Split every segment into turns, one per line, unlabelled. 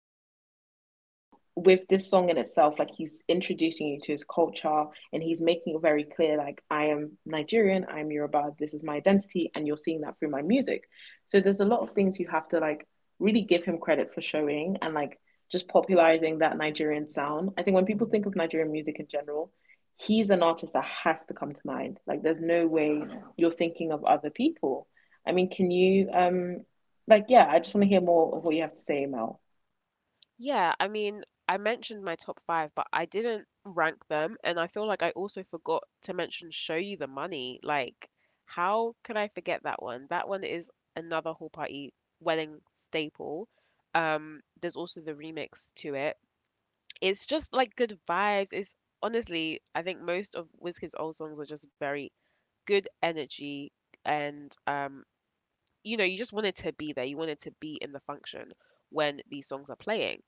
So with this song in itself, like he's introducing you to his culture and he's making it very clear, like I am Nigerian, I'm Yoruba, this is my identity, and you're seeing that through my music. So there's a lot of things you have to like really give him credit for showing and like just popularizing that Nigerian sound. I think when people think of Nigerian music in general, he's an artist that has to come to mind. Like there's no way you're thinking of other people. I mean, can you like yeah, I just want to hear more of what you have to say, Mel.
Yeah, I mean, I mentioned my top 5, but I didn't rank them, and I feel like I also forgot to mention Show You the Money. Like, how could I forget that one? That one is another whole party wedding staple. There's also the remix to it. It's just like good vibes. It's honestly, I think most of Wizkid's old songs are just very good energy and you just wanted to be there, you wanted to be in the function when these songs are playing.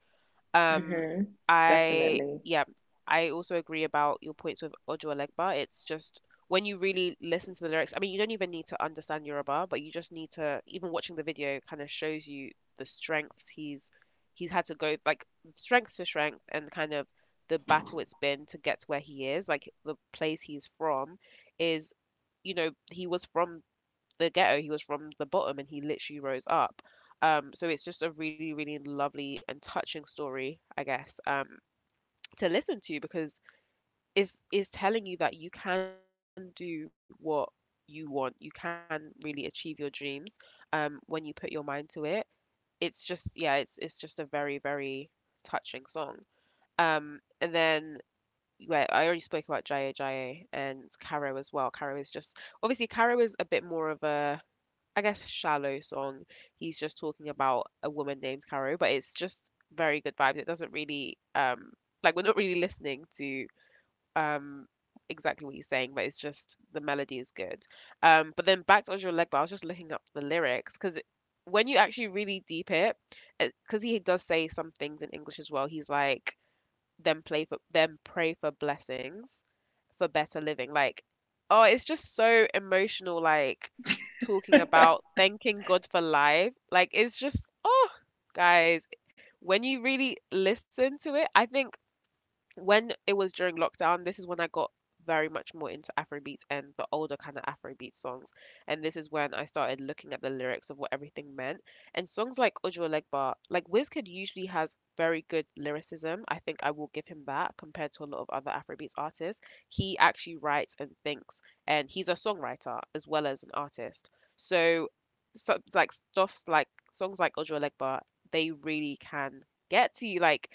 um,
Mm-hmm.
I
Definitely.
Yeah, I also agree about your points with Ojo Legba. It's just when you really listen to the lyrics. I mean, you don't even need to understand Yoruba, but you just need to. Even watching the video kind of shows you the strengths he's had to go like strength to strength and kind of the battle it's been to get to where he is. Like, the place he's from is, he was from the ghetto. He was from the bottom and he literally rose up. So it's just a really, really lovely and touching story, I guess, to listen to because it's telling you that you can do what you want. You can really achieve your dreams when you put your mind to it. It's just yeah, it's just a very, very touching song. And then yeah, I already spoke about Jaya Jaya and Caro as well. Caro is just obviously Caro is a bit more of a, I guess, shallow song. He's just talking about a woman named Caro, but it's just very good vibes. It doesn't really like we're not really listening to um exactly what he's saying, but it's just the melody is good. But then back to Ojo Legba, I was just looking up the lyrics because when you actually really deep it, because he does say some things in English as well. He's like, them play for them pray for blessings for better living. Like, oh, it's just so emotional. Like talking about thanking God for life. Like, it's just oh, guys, when you really listen to it, I think when it was during lockdown, this is when I got very much more into Afrobeats and the older kind of Afrobeat songs. And this is when I started looking at the lyrics of what everything meant. And songs like Ojo Legba, like Wizkid usually has very good lyricism. I think I will give him that compared to a lot of other Afrobeats artists. He actually writes and thinks, and he's a songwriter as well as an artist. So, so, like stuff like songs like Ojo Legba, they really can get to you. Like,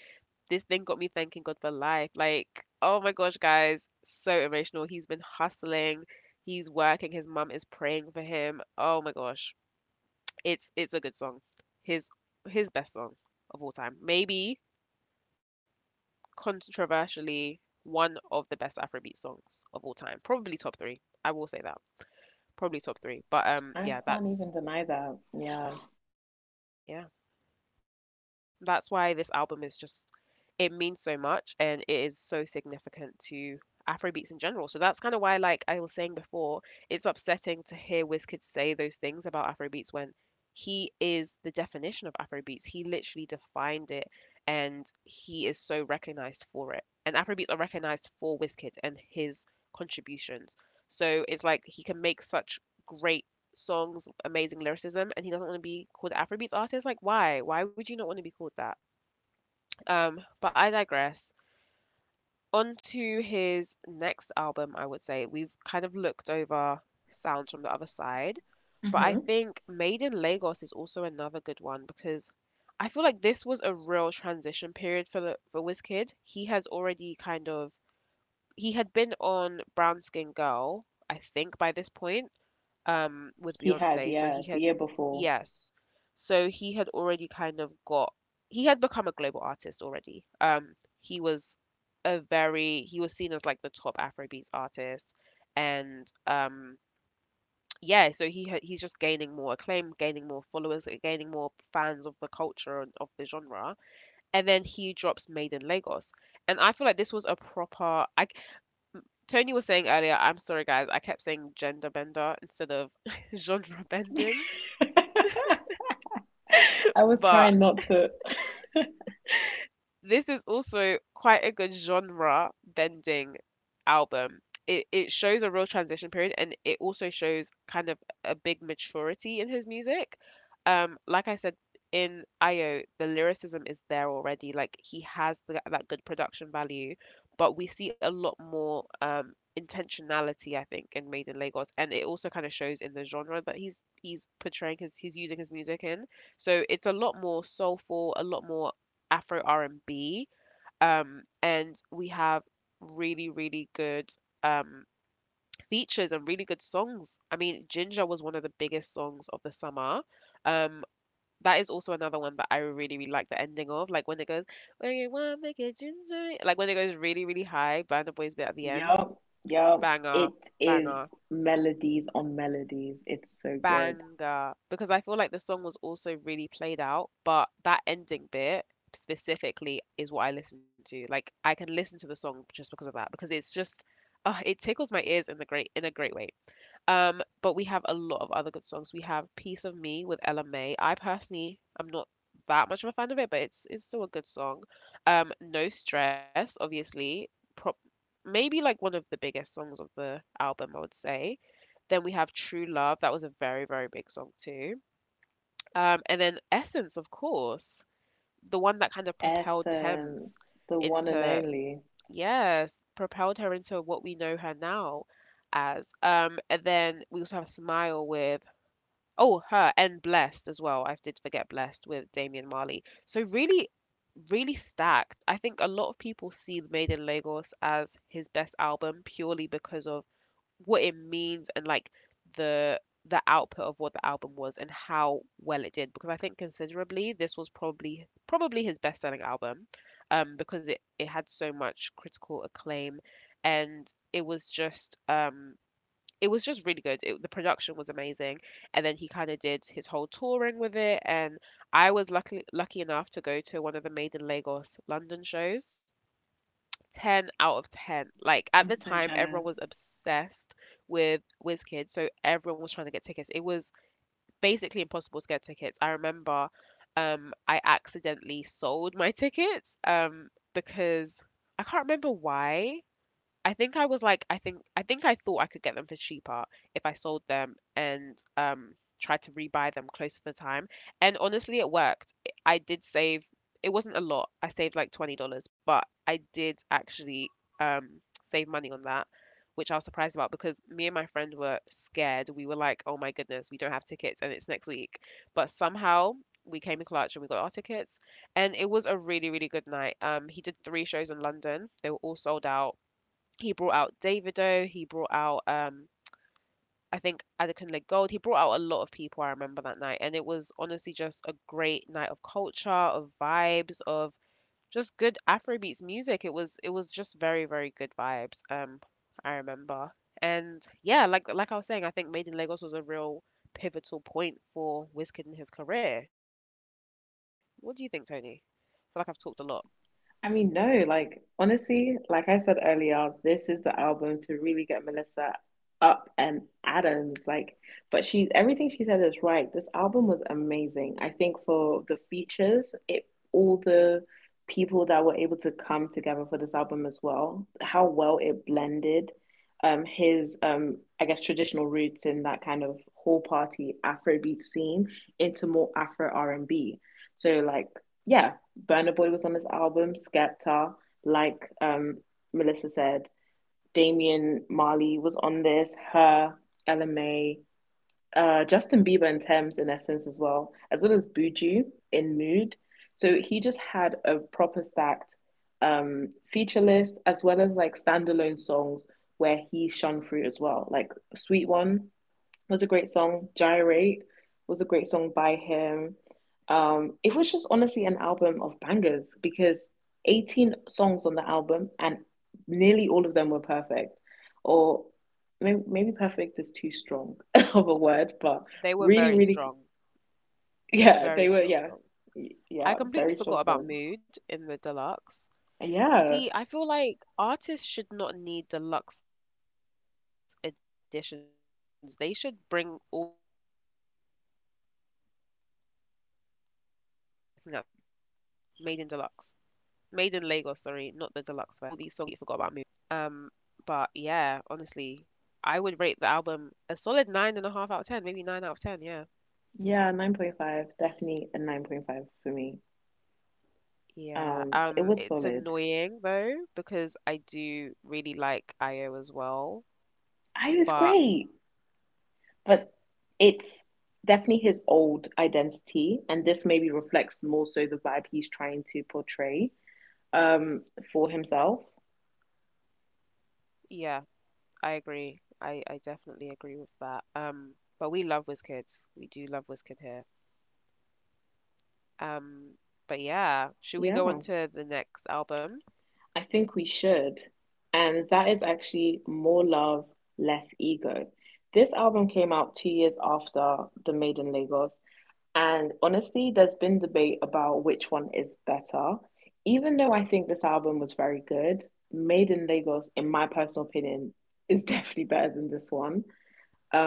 this thing got me thanking God for life. Like, oh my gosh, guys, so emotional. He's been hustling, he's working, his mum is praying for him. Oh my gosh. It's a good song. His his best song of all time. Maybe controversially one of the best Afrobeat songs of all time. Probably top three. I will say that. Probably top three. But
I can't even deny that. Yeah.
yeah. That's why this album is just it means so much and it is so significant to Afrobeats in general. So that's kind of why, like I was saying before, it's upsetting to hear Wizkid say those things about Afrobeats when he is the definition of Afrobeats. He literally defined it and he is so recognized for it. And Afrobeats are recognized for Wizkid and his contributions. So it's like he can make such great songs, amazing lyricism, and he doesn't want to be called Afrobeats artist. Like, why? Why would you not want to be called that? But I digress. On to his next album, I would say. We've kind of looked over sounds from the other side, but I
Mm-hmm.
think Made in Lagos is also another good one because I feel like this was a real transition period for for Wizkid. He has already kind of he had been on Brown Skin Girl, I think, by this point, with
He had,
Beyonce. So he
yeah, the
had
year before.
yes. So he had already kind of got he had become a global artist already. He was a very he was seen as like the top Afrobeats artist and yeah, so he's just gaining more acclaim, gaining more followers, gaining more fans of the culture and of the genre. And then he drops Made in Lagos, and I feel like this was a proper. I Tony was saying earlier, I'm sorry guys, I kept saying gender bender instead of genre bending.
I was
But
trying not to.
this is also quite a good genre bending album. It shows a real transition period and it also shows kind of a big maturity in his music. Like I said in IO, the lyricism is there already. Like he has that good production value, but we see a lot more intentionality, I think, in Made in Lagos, and it also kind of shows in the genre that he's portraying his he's using his music in. So it's a lot more soulful, a lot more Afro R&B, and we have really, really good um, features and really good songs. I mean, Ginger was one of the biggest songs of the summer. Um, that is also another one that I really, really like the ending of, like when it goes, "When you wanna make it ginger," like when it goes really, really high. Burna Boy's bit at the end,
Yup, yup.
banger,
It is
banger.
melodies on melodies. It's so good.
banger, because I feel like the song was also really played out, but that ending bit specifically is what I listen to. Like, I can listen to the song just because of that because it's just oh, it tickles my ears in the great in a great way. But we have a lot of other good songs. We have "Piece of Me" with Ella Mai. I personally am not that much of a fan of it, but it's still a good song. "No Stress" obviously, pro- maybe like one of the biggest songs of the album, I would say. Then we have True Love. That was a very, very big song too. And then Essence, of course, the one that kind of propelled Thames
Essence, the one and
into,
only.
yes, propelled her into what we know her now as. And then we also have Smile with, oh, her and Blessed as well. I did forget Blessed with Damian Marley. So really, really stacked. I think a lot of people see Made in Lagos as his best album purely because of what it means and like the the output of what the album was and how well it did because I think considerably this was probably his best selling album because it had so much critical acclaim and it was just um it was just really good, the production was amazing and then he kind of did his whole touring with it and I was lucky enough to go to one of the Made in Lagos London shows. 10 out of 10. Like at the
I'm so
time, everyone was
jealous.
obsessed with WizKid, so everyone was trying to get tickets. It was basically impossible to get tickets. I remember I accidentally sold my tickets because I can't remember why. I think I was like, I thought I could get them for cheaper if I sold them and tried to rebuy them close to the time. And honestly, it worked. I did save. It wasn't a lot. I saved like $20, but I did actually um save money on that, which I was surprised about because me and my friend were scared. We were like, oh my goodness, we don't have tickets and it's next week. But somehow we came in clutch and we got our tickets and it was a really really good night. He did 3 shows in London. They were all sold out. He brought out Davido. He brought out, I think, Adekunle Gold. He brought out a lot of people. I remember that night, and it was honestly just a great night of culture, of vibes, of just good Afrobeats music. It was just very very good vibes. I remember, and yeah, like I was saying, I think Made in Lagos was a real pivotal point for Wizkid in his career. What do you think, Tony? I feel like I've talked a lot.
I mean, no, like honestly, like I said earlier, this is the album to really get Melissa up and Adams. Like, but she, everything she said is right. This album was amazing. I think for the features, it all the people that were able to come together for this album as well, how well it blended his I guess traditional roots in that kind of whole party Afrobeat scene into more Afro R&B. So like yeah, Burna Boy was on this album, Skepta, like, Melissa said, Damian Marley was on this, her, Ella LMA, Justin Bieber and Thames in essence as well, as well as Buju in Mood. So he just had a proper stacked feature list as well as like standalone songs where he shone through as well, like Sweet One was a great song. Gyrate was a great song by him. It was just honestly an album of bangers because 18 songs on the album and nearly all of them were perfect. Or maybe perfect is too strong of a word, but really,
They were
really,
very strong,
yeah, they were, yeah,
very strong.
yeah,
I
very strong
completely
songs.
forgot about mood in the deluxe.
Yeah,
See, I feel like artists should not need deluxe editions. They should bring all these songs out at the start because I absolutely completely forgot about mood and I can't believe I forgot that because I was looking at the Made in Deluxe. Made in Lagos, sorry, not the deluxe version. Um, but yeah, honestly, I would rate the album a solid 9.5 out of 10, maybe 9 out of 10, yeah.
yeah, 9.5, definitely a 9.5 for me.
Yeah,
It was
it's
solid.
annoying though because I do really like IO as well.
I was
But
great. But it's definitely his old identity, and this maybe reflects more so the vibe he's trying to portray um, for himself.
yeah, I agree. I definitely agree with that. But we love Wizkid. We do love Wizkid here. Um, but yeah, should we
Yeah,
go on to the next album?
I think we should. And that is actually More Love, Less Ego. This album came out 2 years after The Made in Lagos, and honestly, there's been debate about which one is better. Even though I think this album was very good, Made in Lagos, in my personal opinion, is definitely better than this one.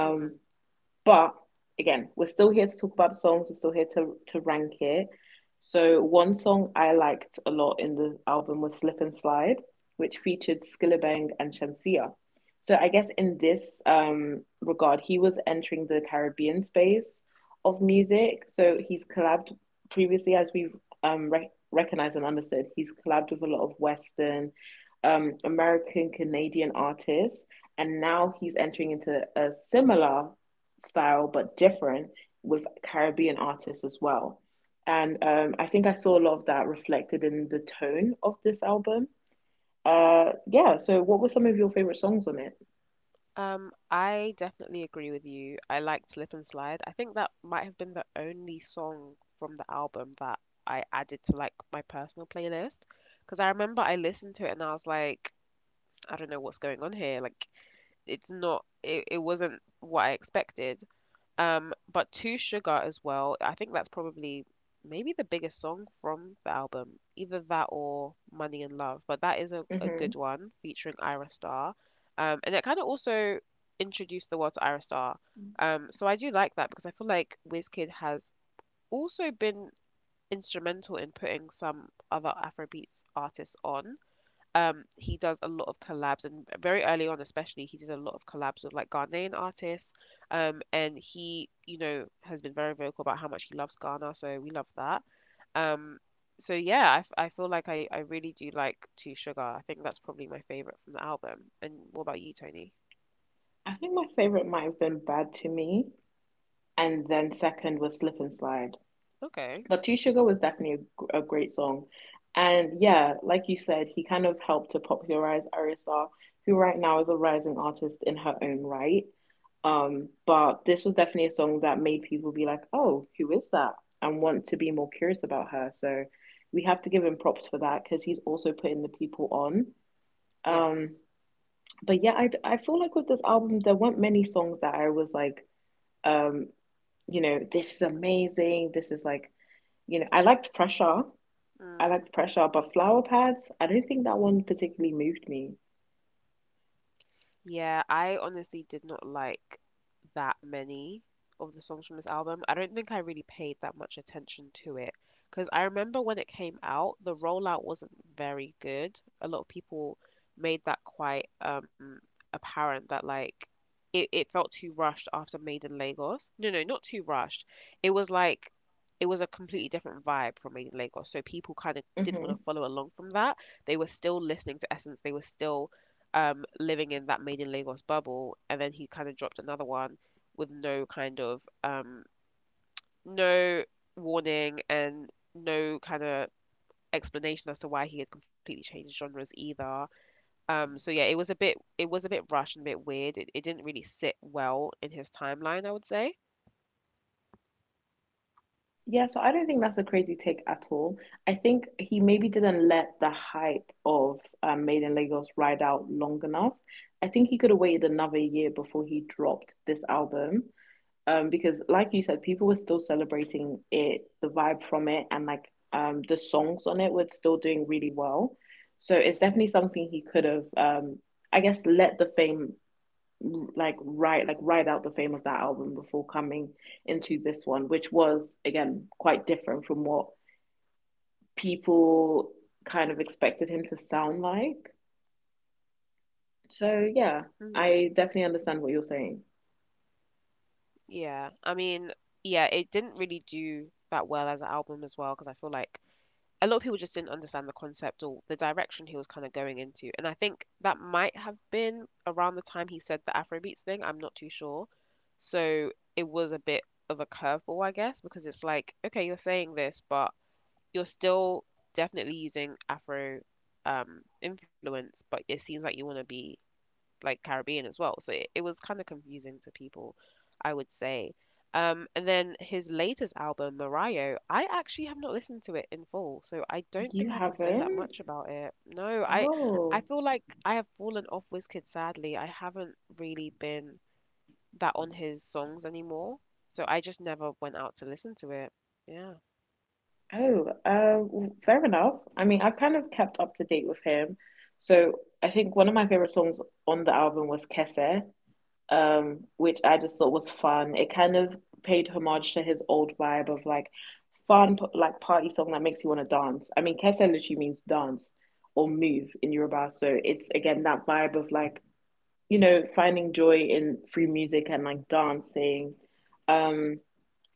Hmm.
but again, we're still here to talk about the songs. We're still here to rank it. So one song I liked a lot in the album was "Slip and Slide," which featured Skillabang and Shamsia. So I guess in this regard, he was entering the Caribbean space of music. So he's collabed previously, as we've recognized and understood, he's collabed with a lot of Western, American, Canadian artists, and now he's entering into a similar style but different with Caribbean artists as well. And I think I saw a lot of that reflected in the tone of this album. Yeah, so what were some of your favorite songs on it?
I definitely agree with you. I liked Slip and Slide. I think that might have been the only song from the album that I added to like my personal playlist because I remember I listened to it and I was like I don't know what's going on here. Like it's not it, it wasn't what I expected. But Two Sugar as well. I think that's probably maybe the biggest song from the album. Either that or Money and Love. But that is a
Hmm.
good one featuring Ira Starr. And it kind of also introduced the world to Ira Starr. So I do like that because I feel like Wizkid has also been instrumental in putting some other Afrobeats artists on. He does a lot of collabs, and very early on especially he did a lot of collabs with like Ghanaian artists. And he, you know, has been very vocal about how much he loves Ghana, so we love that. Um, so yeah, I feel like I really do like Two Sugar. I think that's probably my favorite from the album. And what about you, Tony?
I think my favorite might have been Bad to Me, and then second was Slip and Slide.
Okay.
But Two Sugar was definitely a great song. And yeah, like you said, he kind of helped to popularize Arista, who right now is a rising artist in her own right.
Hmm.
But this was definitely a song that made people be like, "Oh, who is that?" and want to be more curious about her. So we have to give him props for that because he's also putting the people on. Um,
Yes.
but yeah, I feel like with this album, there weren't many songs that I was like, um, this is amazing. This is like, I liked Pressure. I liked Pressure, but Flower Pads, I don't think that one particularly moved me.
Yeah, I honestly did not like that many of the songs from this album. I don't think I really paid that much attention to it because I remember when it came out, the rollout wasn't very good. A lot of people made that quite apparent that like it felt too rushed after Made in Lagos. No, no, not too rushed. It was like it was a completely different vibe from Made in Lagos. So people kind of didn't want
Mm-hmm.
to follow along from that. They were still listening to Essence. They were still living in that Made in Lagos bubble, and then he kind of dropped another one with no kind of no warning and no kind of explanation as to why he had completely changed genres either. So yeah, it was a bit rushed and a bit weird. It didn't really sit well in his timeline, I would say.
Yeah, so I don't think that's a crazy take at all. I think he maybe didn't let the hype of Made in Lagos ride out long enough. I think he could have waited another year before he dropped this album. Because like you said, people were still celebrating it, the vibe from it, and like the songs on it were still doing really well. So it's definitely something he could have, I guess, let the fame like write like ride out the fame of that album before coming into this one, which was again quite different from what people kind of expected him to sound like. So yeah,
Mm,
I definitely understand what you're saying.
yeah, I mean, yeah, it didn't really do that well as an album as well because I feel like a lot of people just didn't understand the concept or the direction he was kind of going into. And I think that might have been around the time he said the Afrobeats thing. I'm not too sure. So it was a bit of a curveball, I guess, because it's like, okay, you're saying this, but you're still definitely using Afro, influence, but it seems like you want to be like Caribbean as well. So it was kind of confusing to people, I would say. And then his latest album, Mario, I actually have not listened to it in full, so I don't think
You
I can say that
haven't?
much about it. No, I. I
Oh,
feel like I have fallen off Wizkid sadly. I haven't really been that on his songs anymore. So I just never went out to listen to it. Yeah.
oh, fair enough. I mean, I've kind of kept up to date with him. So I think one of my favorite songs on the album was Kese, which I just thought was fun. It kind of paid homage to his old vibe of like fun, like party song that makes you want to dance. I mean, Kesa literally means dance or move in Yoruba, so it's again that vibe of like finding joy in free music and like dancing. Um,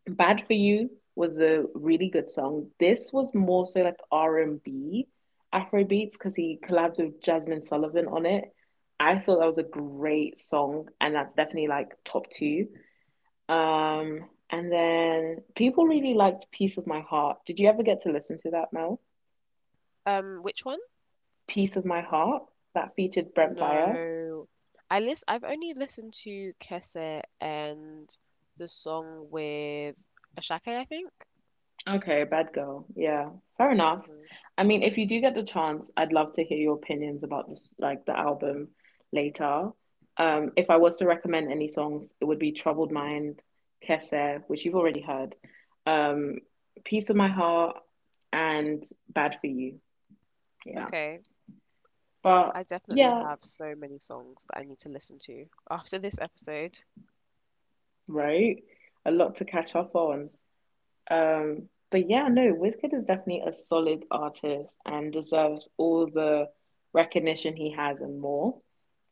Bad for You was a really good song. This was more so like R&B, Afro beats because he collabed with Jasmine Sullivan on it. I thought that was a great song, and that's definitely like top two. And then people really liked Piece of My Heart. Did you ever get to listen to that, Mel?
Which one?
Piece of My Heart that featured Brent Fires.
No. I've only listened to Kese and the song with Ashake, I think.
Okay, bad girl. Yeah, fair enough.
Hmm.
I mean, if you do get the chance, I'd love to hear your opinions about this, like the album later. If I was to recommend any songs, it would be Troubled Mind, Kese, which you've already heard, um, Peace of My Heart, and Bad for You. Yeah.
Okay. I
But
definitely have
yeah,
so many songs that I need to listen to after this episode.
right? A lot to catch up on. But yeah, no, Wizkid is definitely a solid artist and deserves all the recognition he has and more.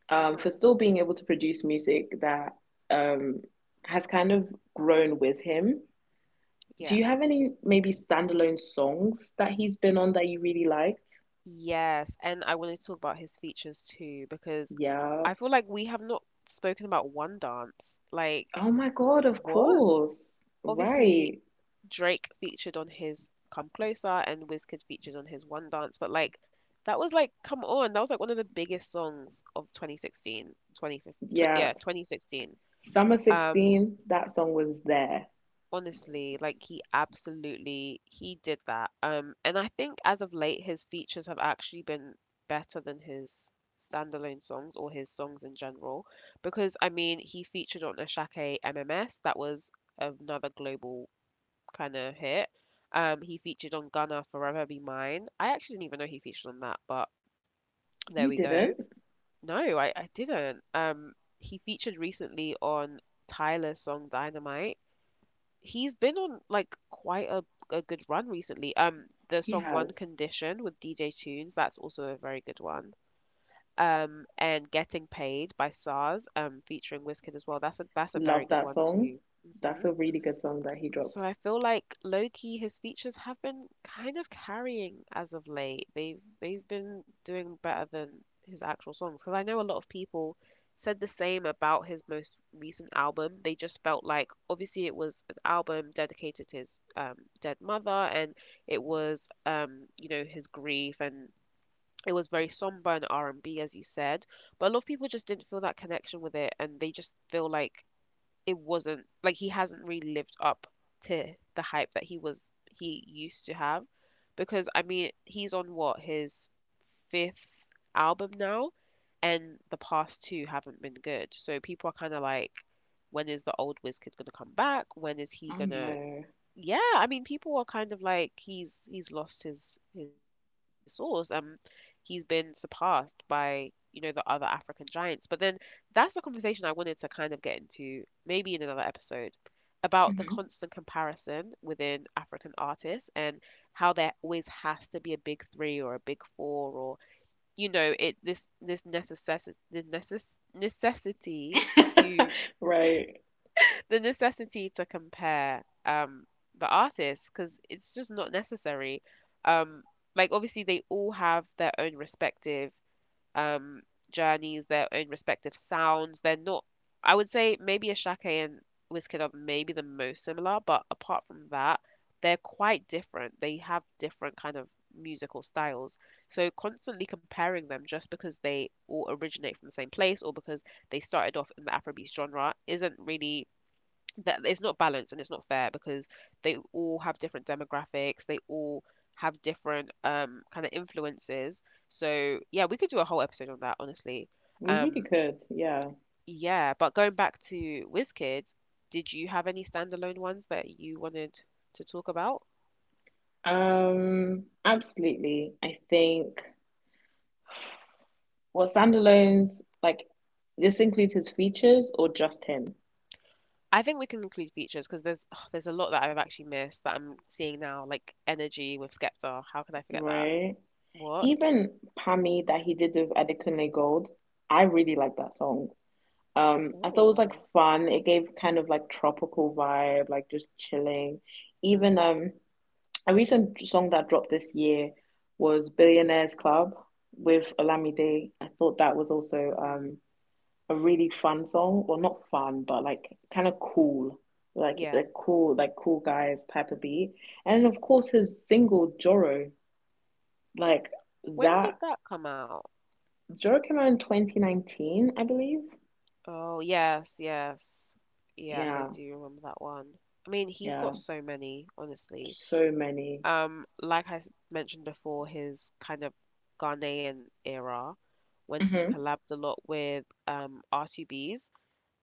For
Hmm.
still being able to produce music that um has kind of grown with him. Do
Yeah.
you have any maybe standalone songs that he's been on that you really liked?
Yes, and I wanted to talk about his features too because
Yeah.
I feel like we have not spoken about One Dance. Like,
Oh my God, of
what?
course.
Obviously,
Right.
Drake featured on his Come Closer and Wizkid featured on his One Dance, but like that was like come on, that was like one of the biggest songs of 2016, 2015,
Yeah.
yeah, 2016.
Summer
Um
16, that song was there.
Honestly, like he absolutely, he did that. And I think as of late his features have actually been better than his standalone songs or his songs in general because I mean he featured on Ashake MMS. That was another global kind of hit. He featured on Gunna Forever Be Mine. I actually didn't even know he featured on that, but there we
You
go.
didn't?
No, I didn't. He featured recently on Tyler's song Dynamite. He's been on like quite a good run recently. The
He
song One
has.
Condition with DJ Tunes, that's also a very good one. And Getting Paid by SARS, featuring Wizkid as well. That's a very
Love
good
that
one
song.
too.
That's
Hmm.
a really good song that he
So
dropped.
I feel like Loki, his features have been kind of carrying as of late. They've been doing better than his actual songs. Because I know a lot of people said the same about his most recent album. They just felt like obviously it was an album dedicated to his, dead mother, and it was, you know, his grief, and it was very somber and R&B as you said. But a lot of people just didn't feel that connection with it, and they just feel like it wasn't like he hasn't really lived up to the hype that he used to have because I mean he's on what, his fifth album now, and the past two haven't been good, so people are kind of like when is the old Wizkid gonna come back, when is he
Oh
gonna.
no.
Yeah, I mean, people are kind of like he's he's lost his source. He's been surpassed by, you know, the other African giants. But then that's the conversation I wanted to kind of get into, maybe in another episode, about the
Hmm.
constant comparison within African artists and how there always has to be a big three or a big four, or, you know, it this this necessity this necess necessity to
Right.
compare the artists because it's just not necessary. Um, like obviously they all have their own respective um journeys, their own respective sounds. They're not, I would say maybe a Ashake and Wizkid are maybe the most similar, but apart from that they're quite different. They have different kind of musical styles. So constantly comparing them just because they all originate from the same place or because they started off in the Afrobeat genre isn't really that. It's not balanced and it's not fair because they all have different demographics. They all have different kind of influences. So yeah, we could do a whole episode on that honestly.
We really
Um,
could, yeah.
yeah, but going back to WizKids, did you have any standalone ones that you wanted to talk about?
Absolutely. I think well, standalones, like this includes his features or just him,
I think we can include features because there's there's a lot that I've actually missed that I'm seeing now, like Energy with Skepta. How could I forget that?
right?
What?
Even Pammy that he did with Adekunle Gold, I really like that song. I thought it was like
Oh.
fun. It gave kind of like tropical vibe, like just chilling. Even
Hmm.
A recent song that dropped this year was Billionaires Club with Olamide. I thought that was also
Hmm.
a really fun song, or well, not fun, but like kind of cool, like
Yeah,
the cool, like cool guys type of beat. And of course, his single Joro, like
when did
that.
that come out?
Joro came out in 2019, I believe.
Oh, yes, yes. Yes, I
Yeah,
do remember that one. I mean, he's got
yeah.
so many, honestly.
So many.
Like I mentioned before, his kind of Ghanaian era when he
Hmm.
collabed a lot with R2Bs.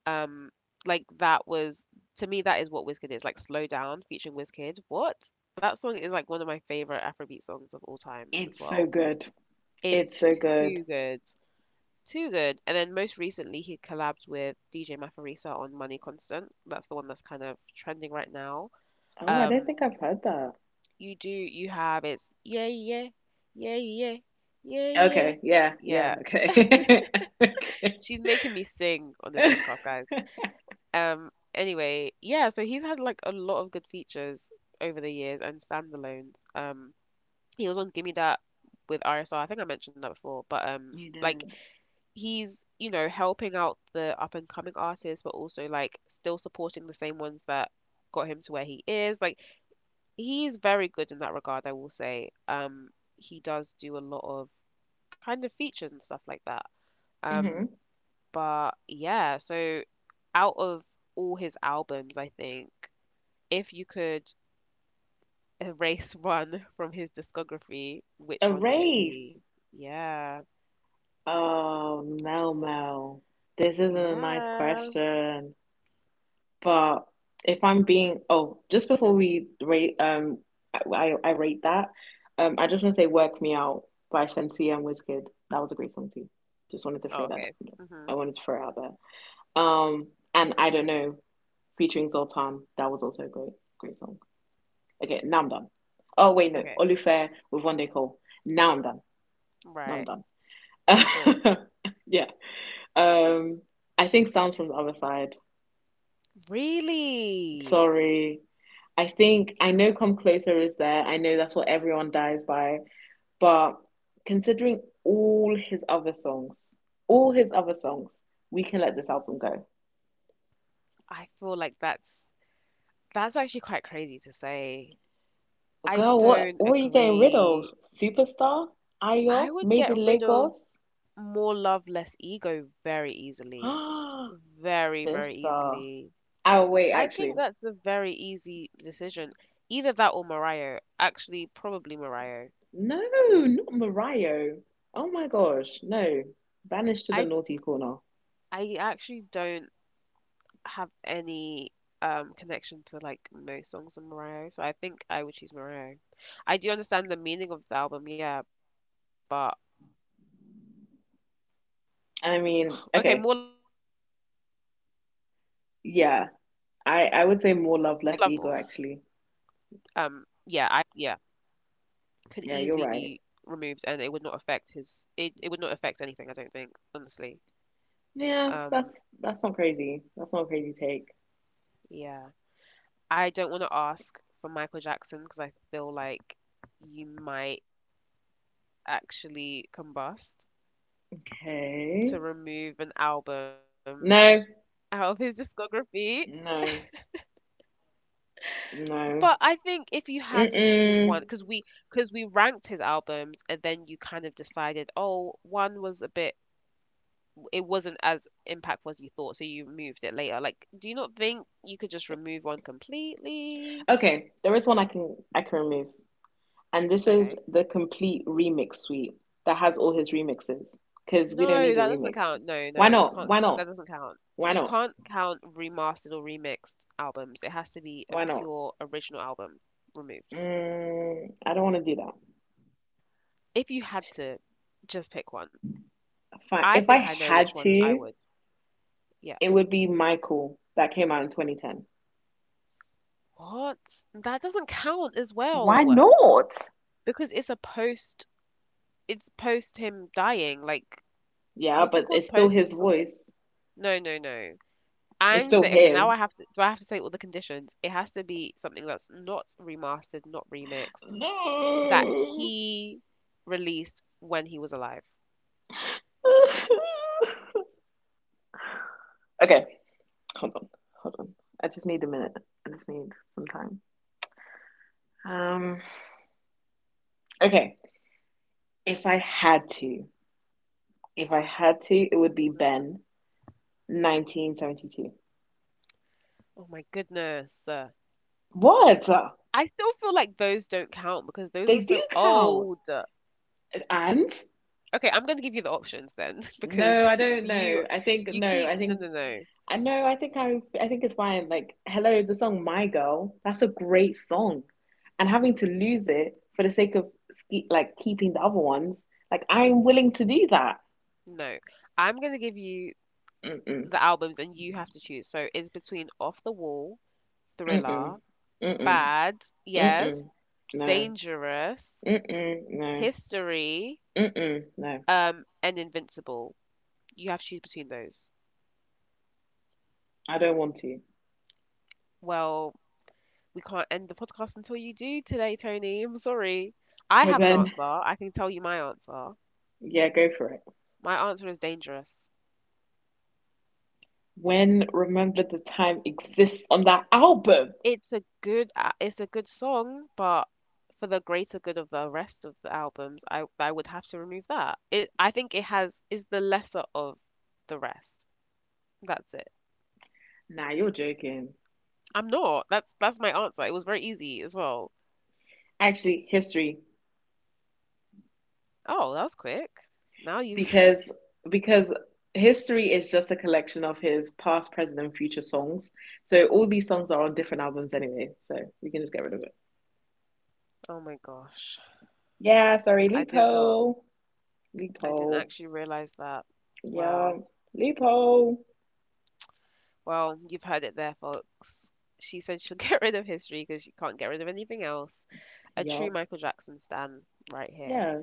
Um, like that was, to me that is what Wizkid is, like Slow Down featuring Wizkid. What? That song is like one of my favorite Afrobeat songs of all time as
It's so
well.
good. It's
It's
so good.
too good. Too good. And then most recently, he collabed with DJ Mafarisa on Money Constant. That's the one that's kind of trending right now.
Oh, I don't
Um,
think I've heard that.
you do, you have it's yeah, yeah, yeah, yeah, yeah, yeah.
Okay. Yeah.
Yeah,
Yeah. Okay. Okay.
she's making me sing on this podcast, guys. Anyway, yeah, so he's had like a lot of good features over the years and standalones. He was on Gimme That with RSR. I think I mentioned that before, but
You
like
did.
he's, you know, helping out the up and coming artists but also like still supporting the same ones that got him to where he is. Like he's very good in that regard, I will say. Um, he does do a lot of kind of features and stuff like that. Um,
Mm-hmm.
but yeah, so out of all his albums, I think if you could erase one from his discography, which
A
one would it
race.
be? Yeah.
Oh, Mel Mel. This isn't a nice
Yeah.
question. But if I'm being, oh, just before we rate, I rate that. I just want to say "Work Me Out" by Shensia and Wizkid. That was a great song too. Just wanted to
Oh,
throw that.
okay. Hmm.
I wanted to throw it out there. Um, and I don't know, featuring Zoltan. That was also a great, great song. Okay, now I'm done. Oh wait, no,
Okay.
Olufair with One Day Call. Now I'm done. Now
Right. Are you
I'm
sure?
done. Yeah. Um, I think sounds from the other side.
Really?
Sorry. I think I know Come Closer is there. I know that's what everyone dies by. But considering all his other songs, all his other songs, we can let this album go.
I feel like that's actually quite crazy to say. I
Girl, what
don't
what are you getting rid of?
agree.
Superstar?
I
Ayo?
would
Made
get
in
rid of
Lagos?
more love, less ego very easily.
Ah,
Very, very
sister.
easily.
Oh wait,
I think
actually.
that's a very easy decision. Either that or Mariah. Actually, probably Mariah.
No, not Mariah. Oh my gosh, no. Banished to the
I.
naughty corner.
I actually don't have any connection to like most songs on Mariah, so I think I would choose Mariah. I do understand the meaning of the album, yeah, but okay, more love, less ego then, just because
I
Mariah
mean,
means more.
okay,
Um,
yeah.
yeah, I
I would say
easily,
more love,
easily,
less ego,
yeah,
actually.
could easily be
Yeah,
removed,
you're
and it would
right.
not affect his. It would not affect anything, I don't think, honestly.
Yeah,
Um,
that's not crazy. That's not a crazy take.
yeah, I don't want to ask for Michael Jackson because I feel like you might actually combust. To
Okay.
remove an album
No,
out of his discography.
no,
But
no.
I think if you had to choose one,
Mm-mm.
because we ranked his albums, and then you kind of decided, oh, one was a bit, it wasn't as impactful as you thought, so you moved it later. Like, do you not think you could just remove one completely?
Okay, there is one I can remove. And this is
Okay.
the complete remix suite that has all his remixes. Because we don't
No,
need a
that doesn't
remix.
count. No,
Why
no, you
not?
can't.
Why
That
not?
doesn't count.
Why
You
not?
can't count remastered or remixed albums. It has to be a
Why not?
pure original album removed.
I don't want to do that.
If you had to just pick one,
Fine.
I
If
think
I
I know which
had
one I
to,
would. Yeah.
it would be Michael that came out in 2010.
What? That doesn't count as well
Why not?
because it's a post. It's post him dying. Like,
Yeah,
what's it
but
called?
it's still
Post
his
something?
voice.
No, no, no.
It's
I'm
still
saying okay. Now
him.
I have to. Do I have to say all the conditions? It has to be something that's not remastered, not remixed, that
No.
he released when he was alive.
Okay, hold on, hold on. I just need a minute. I just need some time. Um. Okay, if I had to, it
Hmm.
would be Ben, 1972.
Oh my goodness.
What?
I still feel like those don't count because those
They
are
do
so
count.
old.
And?
Okay, I'm going to give you the options then
No,
because
I don't know.
you
I think
you
no.
keep no no no
I know. I think I. I think it's why. Like, hello, the song "My Girl." That's a great song, and having to lose it for the sake of like keeping the other ones. Like, I'm willing to do that.
no. I'm going to give you
Mm-mm,
the albums and you have to choose. So it's between Off the Wall,
mm-mm,
Thriller,
mm-mm,
Bad,
mm-mm.
yes,
No,
Dangerous,
mm-mm, no,
History,
mm-mm, no.
and Invincible. You have to choose between those.
I don't want to.
Well, we can't end the podcast until you do today, Tony. I'm sorry. I
Well
have an
then,
answer. I can tell you my answer.
yeah, go for it.
My answer is Dangerous.
When Remember the Time exists on that album.
It's a good it's a good song, but for the greater good of the rest of the albums, I would have to remove that. It I think it has is the lesser of the rest. That's it.
Nah, you're joking.
I'm not. That's my answer. It was very easy as well.
Actually, history.
Oh, that was quick. Now you
because because history is just a collection of his past, present, and future songs. So all these songs are on different albums anyway, so we can just get rid of it.
oh my gosh.
Yeah, sorry,
I did not
Lupo,
I didn't
Lupo,
actually realize that.
yeah,
Wow.
Lupo.
Well, you've heard it there, folks. She said she'll get rid of history because she can't get rid of anything else. A true
Yup.
Michael Jackson stan right here.
Yeah,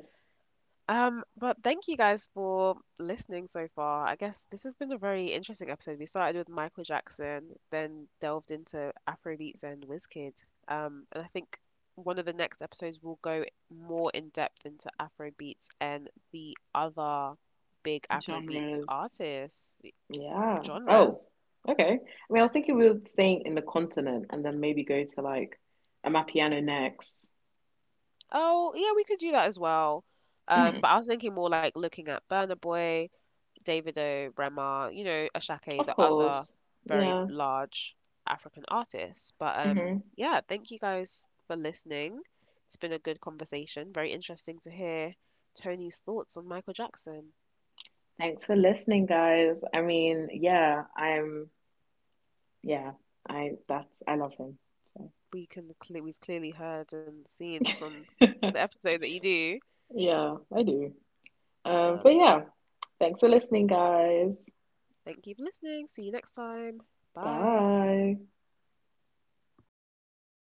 But thank you guys for listening so far. I guess this has been a very interesting episode. We started with Michael Jackson, then delved into Afrobeats and Wizkid. And I think one of the next episodes will go more in depth into Afrobeats and the other big
yes,
Afrobeats
genres,
artists
yeah. Oh,
genres.
okay. I mean, I was thinking we were staying in the continent and then maybe go to like Amapiano next.
Oh, yeah, we could do that as well.
Hmm.
But I was thinking more like looking at Burna Boy, Davido, Rema, you know, Ashake,
Of
the other
course,
very
yeah.
large African artists. But
Mm-hmm.
yeah, thank you guys for listening. It's been a good conversation. Very interesting to hear Tony's thoughts on Michael Jackson.
Thanks for listening, guys. I mean, yeah, yeah, I love him.
We can cle we've clearly heard and seen from the
So,
episode that you do.
yeah, I do. But
Um,
yeah, thanks for listening, guys.
Thank you for listening. See you next time. Bye.
Bye.